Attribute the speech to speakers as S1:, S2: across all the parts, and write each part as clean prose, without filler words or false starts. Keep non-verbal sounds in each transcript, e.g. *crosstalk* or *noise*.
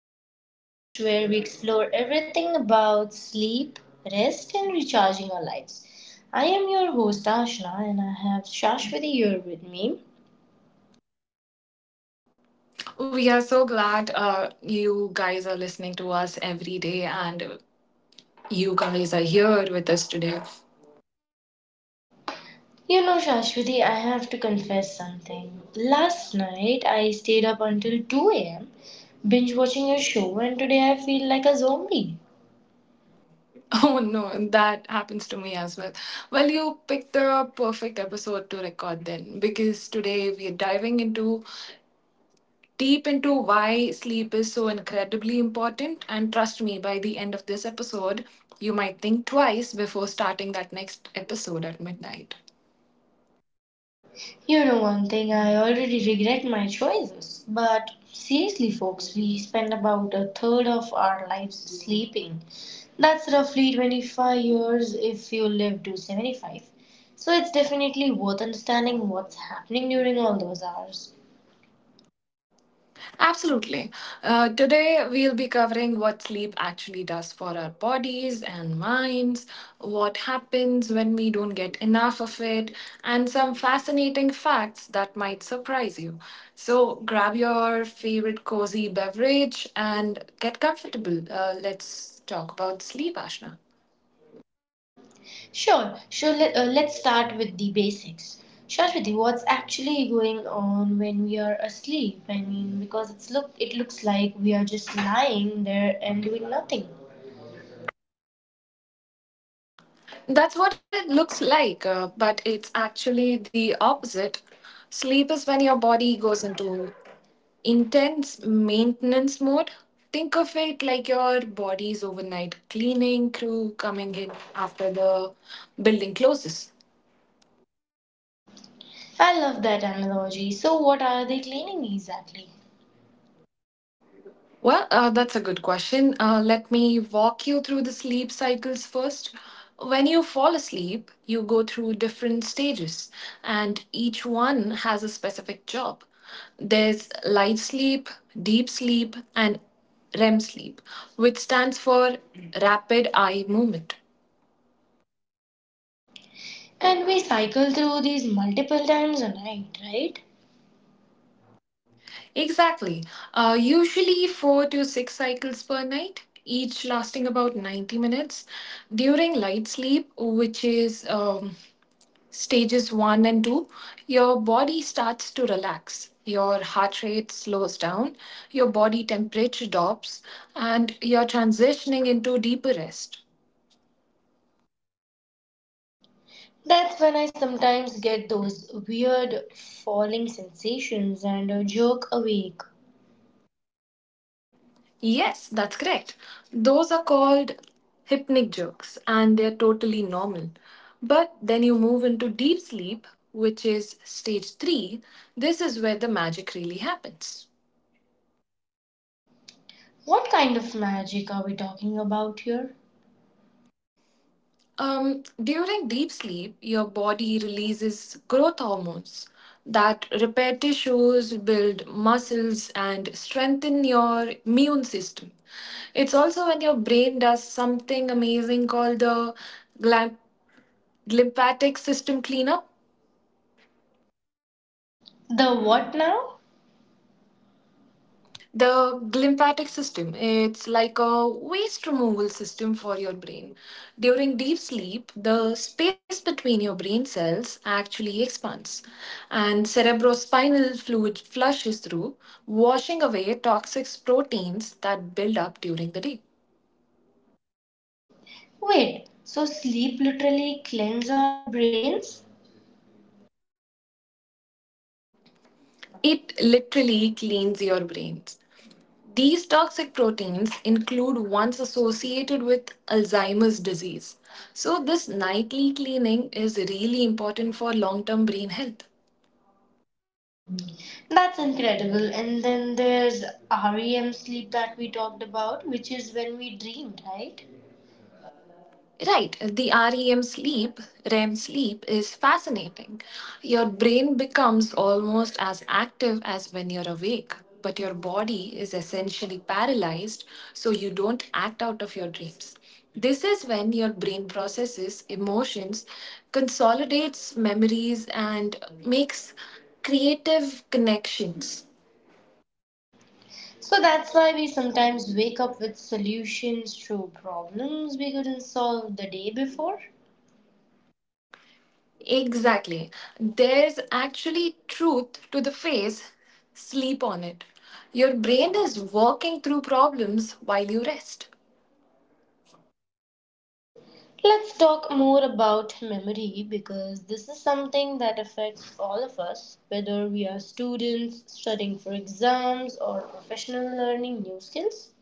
S1: the podcast where we explore everything about sleep, rest, and recharging our lives. I am your host, Ashna, and I have Shashwati here with me.
S2: We are so glad you guys are listening to us every day and you guys are here with us today. *laughs*
S1: You know, Shashwati, I have to confess something. Last night, I stayed up until 2 a.m. binge watching a show, and today I feel like a zombie.
S2: Oh no, that happens to me as well. Well, you picked the perfect episode to record then because today we are diving into deep into why sleep is so incredibly important. And trust me, by the end of this episode, you might think twice before starting that next episode at midnight.
S1: You know one thing, I already regret my choices. But seriously, folks, we spend about a third of our lives sleeping. That's roughly 25 years if you live to 75. So it's definitely worth understanding what's happening during all those hours.
S2: Absolutely. Today, we'll be covering what sleep actually does for our bodies and minds, what happens when we don't get enough of it, and some fascinating facts that might surprise you. So, grab your favorite cozy beverage and get comfortable. Let's talk about sleep, Ashna.
S1: Let's start with the basics. Shashwati, what's actually going on when we are asleep? I mean, because it looks like we are just lying there and doing nothing.
S2: That's what it looks like, but it's actually the opposite. Sleep is when your body goes into intense maintenance mode. Think of it like your body's overnight cleaning crew coming in after the building closes.
S1: I love that analogy. So, what are they cleaning exactly?
S2: Well, that's a good question. Let me walk you through the sleep cycles first. When you fall asleep, you go through different stages, and each one has a specific job. There's light sleep, deep sleep, and REM sleep, which stands for rapid eye movement.
S1: And we cycle through these multiple times a night, right?
S2: Exactly. Usually four to six cycles per night, each lasting about 90 minutes. During light sleep, which is stages one and two, your body starts to relax. Your heart rate slows down, your body temperature drops, and you're transitioning into deeper rest.
S1: That's when I sometimes get those weird falling sensations and a jerk awake.
S2: Yes, that's correct. Those are called hypnic jerks and they're totally normal. But then you move into deep sleep, which is stage three. This is where the magic really happens.
S1: What kind of magic are we talking about here?
S2: During deep sleep, your body releases growth hormones that repair tissues, build muscles, and strengthen your immune system. It's also when your brain does something amazing called the glyp- Glymphatic system cleanup.
S1: The what now?
S2: The glymphatic system, it's like a waste removal system for your brain. During deep sleep, the space between your brain cells actually expands and cerebrospinal fluid flushes through, washing away toxic proteins that build up during the day.
S1: Wait, so sleep literally cleans our brains?
S2: It literally cleans your brains. These toxic proteins include ones associated with Alzheimer's disease. So, this nightly cleaning is really important for long term brain health.
S1: That's incredible. And then there's REM sleep that we talked about, which is when we dream, right?
S2: Right, the REM sleep, REM sleep is fascinating. Your brain becomes almost as active as when you're awake, but your body is essentially paralyzed, so you don't act out of your dreams. This is when your brain processes emotions, consolidates memories, and makes creative connections.
S1: So that's why we sometimes wake up with solutions to problems we couldn't solve the day before.
S2: Exactly. There's actually truth to the phrase sleep on it. Your brain is working through problems while you rest.
S1: Let's talk more about memory because this is something that affects all of us, whether we are students studying for exams or professional learning new skills.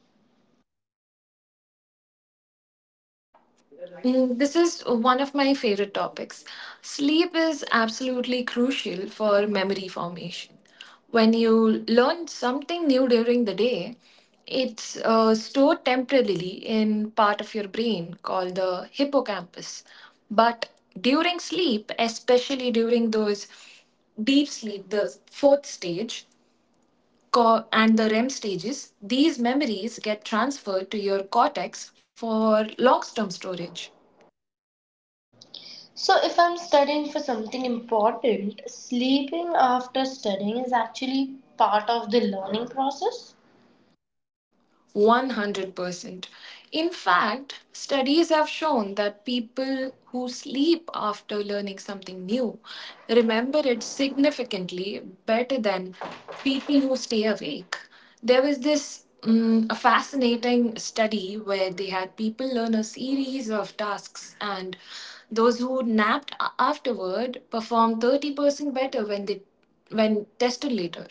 S2: Mm, this is one of my favorite topics. Sleep is absolutely crucial for memory formation. When you learn something new during the day, it's stored temporarily in part of your brain called the hippocampus. But during sleep, especially during those deep sleep, the fourth stage, and the REM stages, these memories get transferred to your cortex for long term storage.
S1: So, if I'm studying for something important, sleeping after studying is actually part of the learning process.
S2: 100%. In fact, studies have shown that people who sleep after learning something new remember it significantly better than people who stay awake. There was this a fascinating study where they had people learn a series of tasks, and those who napped afterward performed 30% better when they when tested later.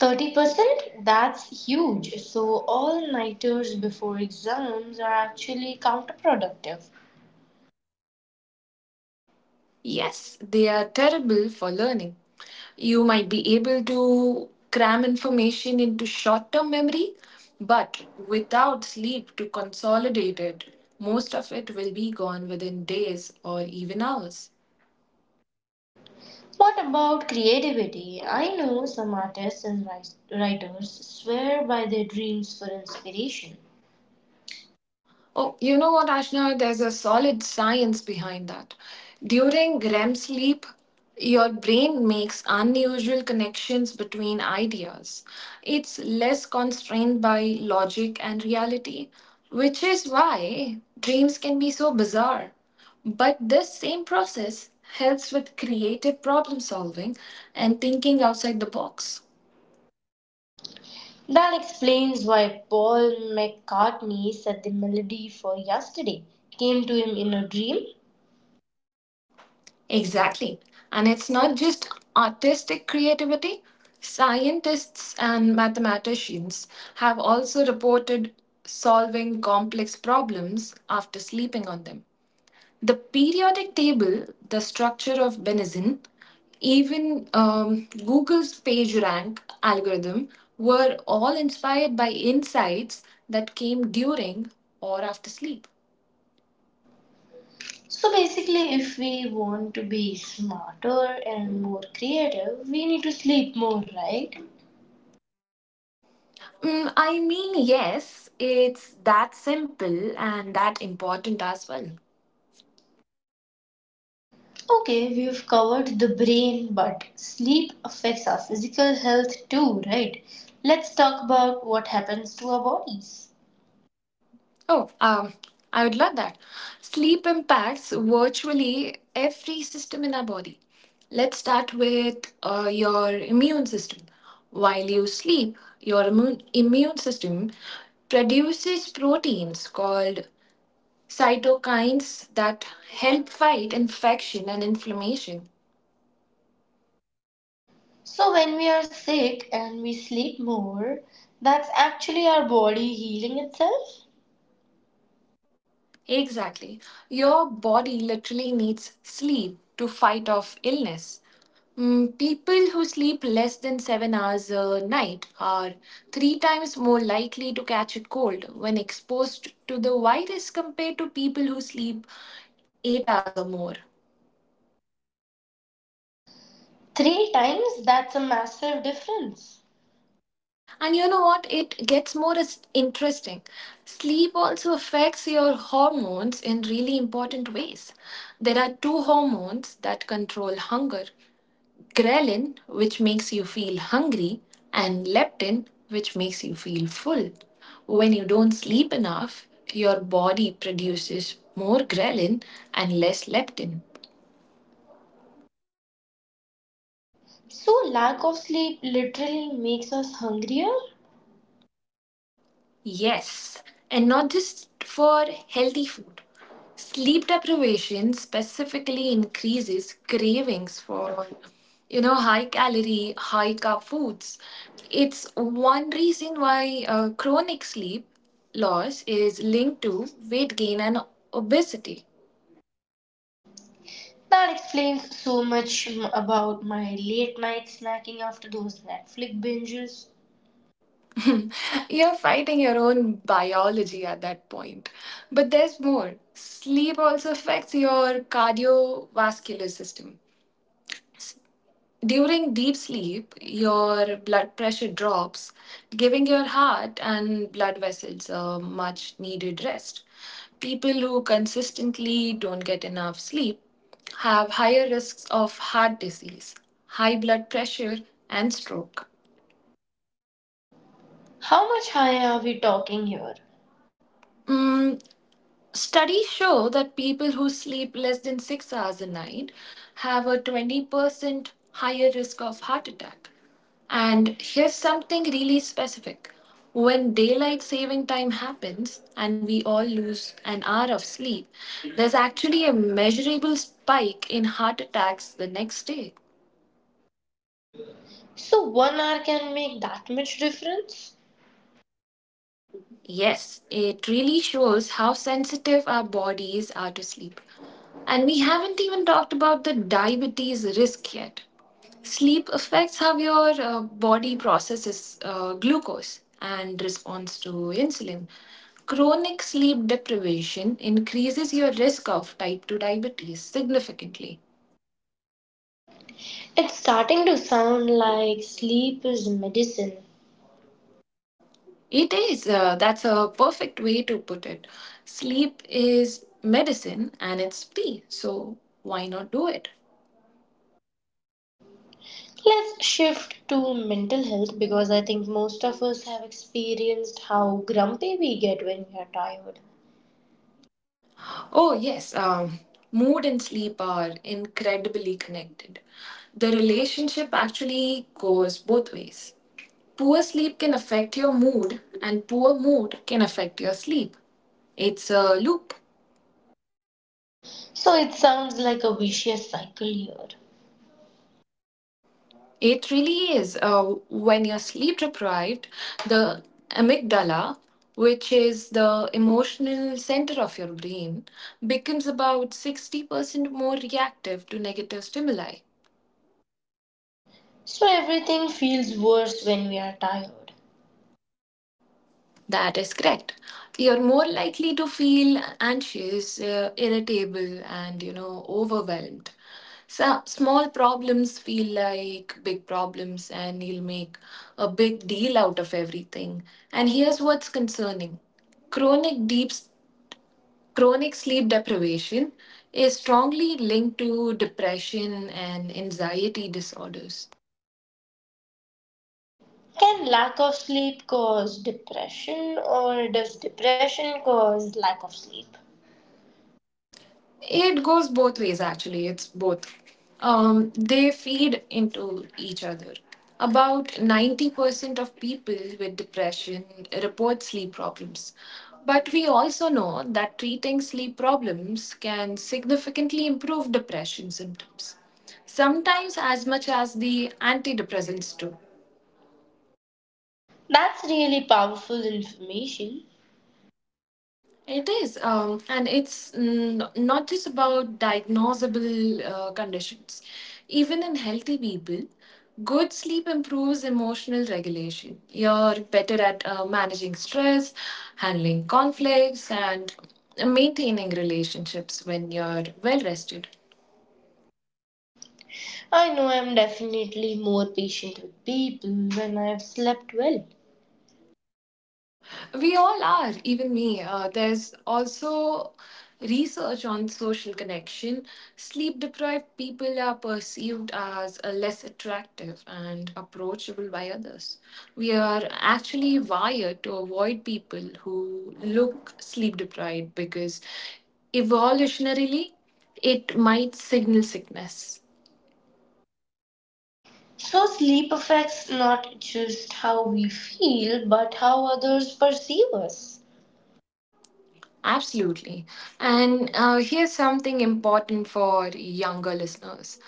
S1: 30%? That's huge. So, all nighters before exams are actually counterproductive.
S2: Yes, they are terrible for learning. You might be able to cram information into short term memory, but without sleep to consolidate it, most of it will be gone within days or even hours.
S1: What about creativity? I know some artists and writers swear by their dreams for inspiration.
S2: Oh, you know what, Ashna? There's a solid science behind that. During REM sleep, your brain makes unusual connections between ideas. It's less constrained by logic and reality, which is why dreams can be so bizarre. But this same process helps with creative problem solving and thinking outside the box.
S1: That explains why Paul McCartney said the melody for yesterday came to him in a dream.
S2: Exactly. And it's not just artistic creativity. Scientists and mathematicians have also reported solving complex problems after sleeping on them. The periodic table, the structure of Benazin, even Google's PageRank algorithm were all inspired by insights that came during or after sleep.
S1: So basically, if we want to be smarter and more creative, we need to sleep more, right?
S2: Mm, I mean, yes, it's that simple and that important as well.
S1: Okay, we've covered the brain, but sleep affects our physical health too, right? Let's talk about what happens to our bodies.
S2: Oh, I would love that. Sleep impacts virtually every system in our body. Let's start with your immune system. While you sleep, your immune system produces proteins called cytokines that help fight infection and inflammation.
S1: So, when we are sick and we sleep more, that's actually our body healing itself.
S2: Exactly. Your body literally needs sleep to fight off illness. Mm, people who sleep less than 7 hours a night are three times more likely to catch a cold when exposed to the virus compared to people who sleep 8 hours or more.
S1: Three times, that's a massive difference.
S2: And you know what? It gets more interesting. Sleep also affects your hormones in really important ways. There are two hormones that control hunger. Ghrelin, which makes you feel hungry, and leptin, which makes you feel full. When you don't sleep enough, your body produces more ghrelin and less leptin.
S1: So, lack of sleep literally makes us hungrier?
S2: Yes, and not just for healthy food. Sleep deprivation specifically increases cravings for, you know, high calorie, high carb foods. It's one reason why chronic sleep loss is linked to weight gain and obesity.
S1: That explains so much about my late night snacking after those Netflix binges.
S2: *laughs* You're fighting your own biology at that point. But there's more. Sleep also affects your cardiovascular system. During deep sleep, your blood pressure drops, giving your heart and blood vessels a much needed rest. People who consistently don't get enough sleep have higher risks of heart disease, high blood pressure, and stroke.
S1: How much higher are we talking here?
S2: Mm, studies show that people who sleep less than 6 hours a night have a 20% higher risk of heart attack. And here's something really specific. When daylight saving time happens and we all lose an hour of sleep, there's actually a measurable spike in heart attacks the next day.
S1: So 1 hour can make that much difference?
S2: Yes, it really shows how sensitive our bodies are to sleep. And we haven't even talked about the diabetes risk yet. Sleep affects how your body processes glucose and responds to insulin. Chronic sleep deprivation increases your risk of type 2 diabetes significantly.
S1: It's starting to sound like sleep is medicine.
S2: It is, that's a perfect way to put it. Sleep is medicine and it's free, so why not do it?
S1: Let's shift to mental health because I think most of us have experienced how grumpy we get when we are tired.
S2: Oh, yes, mood and sleep are incredibly connected. The relationship actually goes both ways. Poor sleep can affect your mood, and poor mood can affect your sleep. It's a loop.
S1: So it sounds like a vicious cycle here.
S2: It really is. When you're sleep deprived, the amygdala, which is the emotional center of your brain, becomes about 60% more reactive to negative stimuli.
S1: So everything feels worse when we are tired.
S2: That is correct. You're more likely to feel anxious, irritable, and you know, overwhelmed. So, small problems feel like big problems, and you'll make a big deal out of everything. And here's what's concerning, chronic deep chronic sleep deprivation is strongly linked to depression and anxiety disorders.
S1: Can lack of sleep cause depression or does depression cause lack of sleep?
S2: It goes both ways actually. It's both. They feed into each other. About 90% of people with depression report sleep problems. But we also know that treating sleep problems can significantly improve depression symptoms, sometimes as much as the antidepressants do.
S1: That's really powerful information.
S2: It is, and it's not just about diagnosable conditions. Even in healthy people, good sleep improves emotional regulation. You're better at managing stress, handling conflicts, and maintaining relationships when you're well rested.
S1: I know I am definitely more patient with people when I've slept well.
S2: We all are, even me. There's also research on social connection. Sleep deprived people are perceived as less attractive and approachable by others. We are actually wired to avoid people who look sleep deprived because evolutionarily it might signal sickness.
S1: So, sleep affects not just how we feel, but how others perceive us.
S2: Absolutely. And here's something important for younger listeners.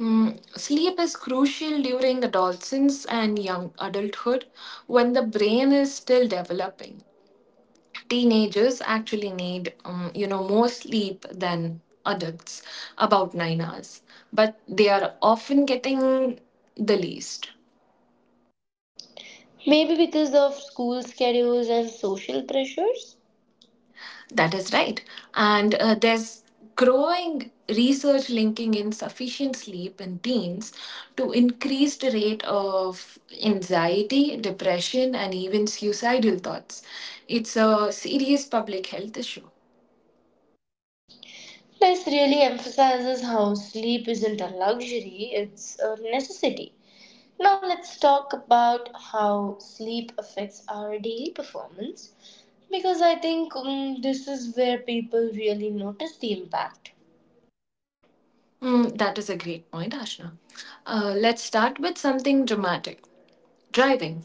S2: Mm, sleep is crucial during adolescence and young adulthood when the brain is still developing. Teenagers actually need more sleep than adults, about 9 hours, but they are often getting the least.
S1: Maybe because of school schedules and social pressures?
S2: That is right. And there's growing research linking insufficient sleep in teens to increased rate of anxiety, depression, and even suicidal thoughts. It's a serious public health issue.
S1: This really emphasizes how sleep isn't a luxury, it's a necessity. Now, let's talk about how sleep affects our daily performance because I think this is where people really notice the impact.
S2: Mm, that is a great point, Ashna. Let's start with something dramatic, driving.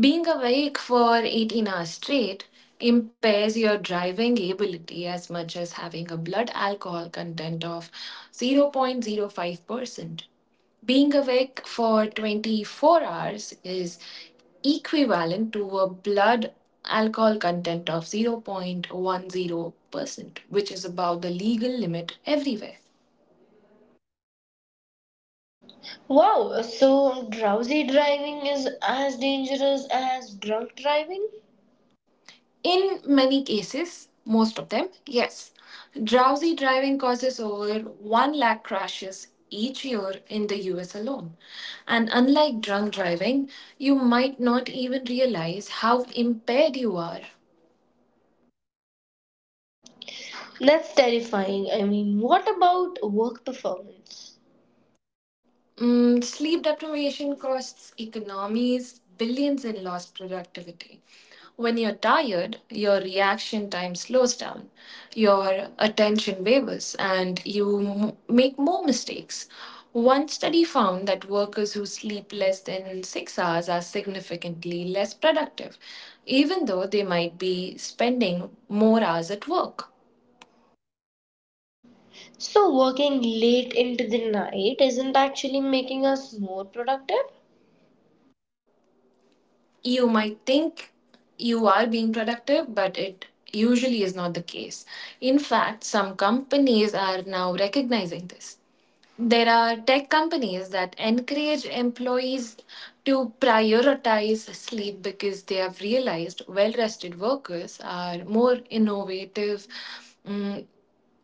S2: Being awake for 18 hours straight impairs your driving ability as much as having a blood alcohol content of 0.05%. Being awake for 24 hours is equivalent to a blood alcohol content of 0.10%, which is about the legal limit everywhere.
S1: Wow, so drowsy driving is as dangerous as drunk driving?
S2: In many cases, most of them, yes. Drowsy driving causes over 1 lakh crashes each year in the US alone. And unlike drunk driving, you might not even realize how impaired you are.
S1: That's terrifying. I mean, what about work performance?
S2: Mm, sleep deprivation costs economies billions in lost productivity. When you're tired, your reaction time slows down, your attention wavers, and you make more mistakes. One study found that workers who sleep less than 6 hours are significantly less productive, even though they might be spending more hours at work.
S1: So, working late into the night isn't actually making us more productive?
S2: You might think you are being productive, but it usually is not the case. In fact, some companies are now recognizing this. There are tech companies that encourage employees to prioritize sleep because they have realized well rested workers are more innovative, mm,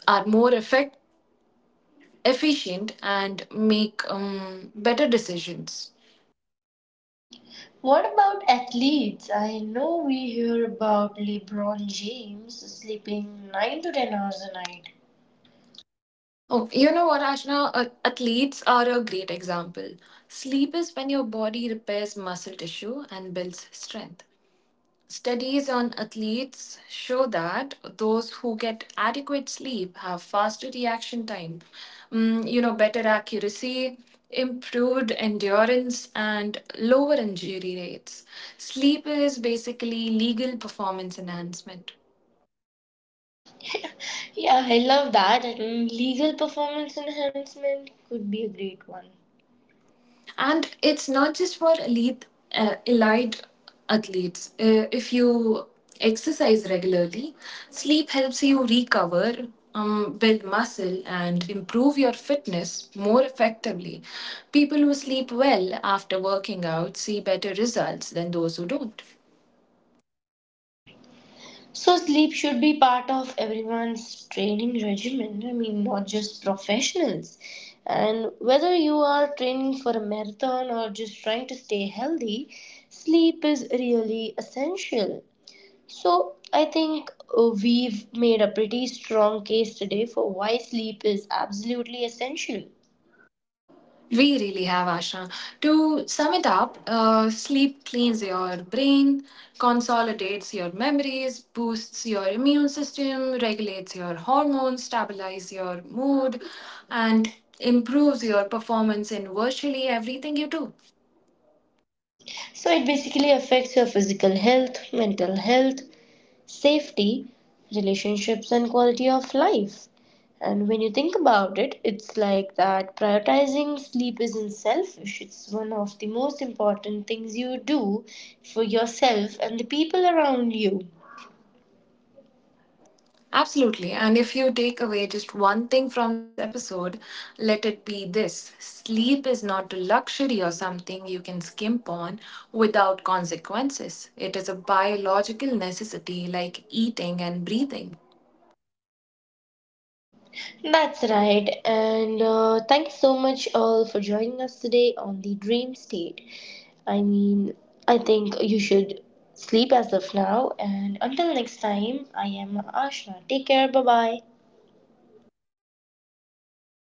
S2: are more efficient, and make better decisions.
S1: What about athletes? I know we hear about LeBron James sleeping 9 to 10 hours a night.
S2: Oh, you know what, Ashna? Athletes are a great example. Sleep is when your body repairs muscle tissue and builds strength. Studies on athletes show that those who get adequate sleep have faster reaction time, better accuracy, improved endurance, and lower injury rates. Sleep is basically legal performance enhancement.
S1: *laughs* Yeah, I love that. And legal performance enhancement could be a great one.
S2: And it's not just for elite athletes. If you exercise regularly, sleep helps you recover, build muscle and improve your fitness more effectively. People who sleep well after working out see better results than those who don't.
S1: So sleep should be part of everyone's training regimen. I mean, not just professionals. And whether you are training for a marathon or just trying to stay healthy, sleep is really essential. So I think we've made a pretty strong case today for why sleep is absolutely essential.
S2: We really have, Asha. To sum it up, sleep cleans your brain, consolidates your memories, boosts your immune system, regulates your hormones, stabilizes your mood, and improves your performance in virtually everything you do.
S1: So it basically affects your physical health, mental health, safety, relationships, and quality of life. And when you think about it, it's like that prioritizing sleep isn't selfish. It's one of the most important things you do for yourself and the people around you.
S2: Absolutely. And if you take away just one thing from this episode, let it be this: sleep is not a luxury or something you can skimp on without consequences. It is a biological necessity like eating and breathing.
S1: That's right. And thank you so much all for joining us today on the Dream State. I mean, I think you should sleep as of now. And until next time, I am Ashna. Take care. Bye bye.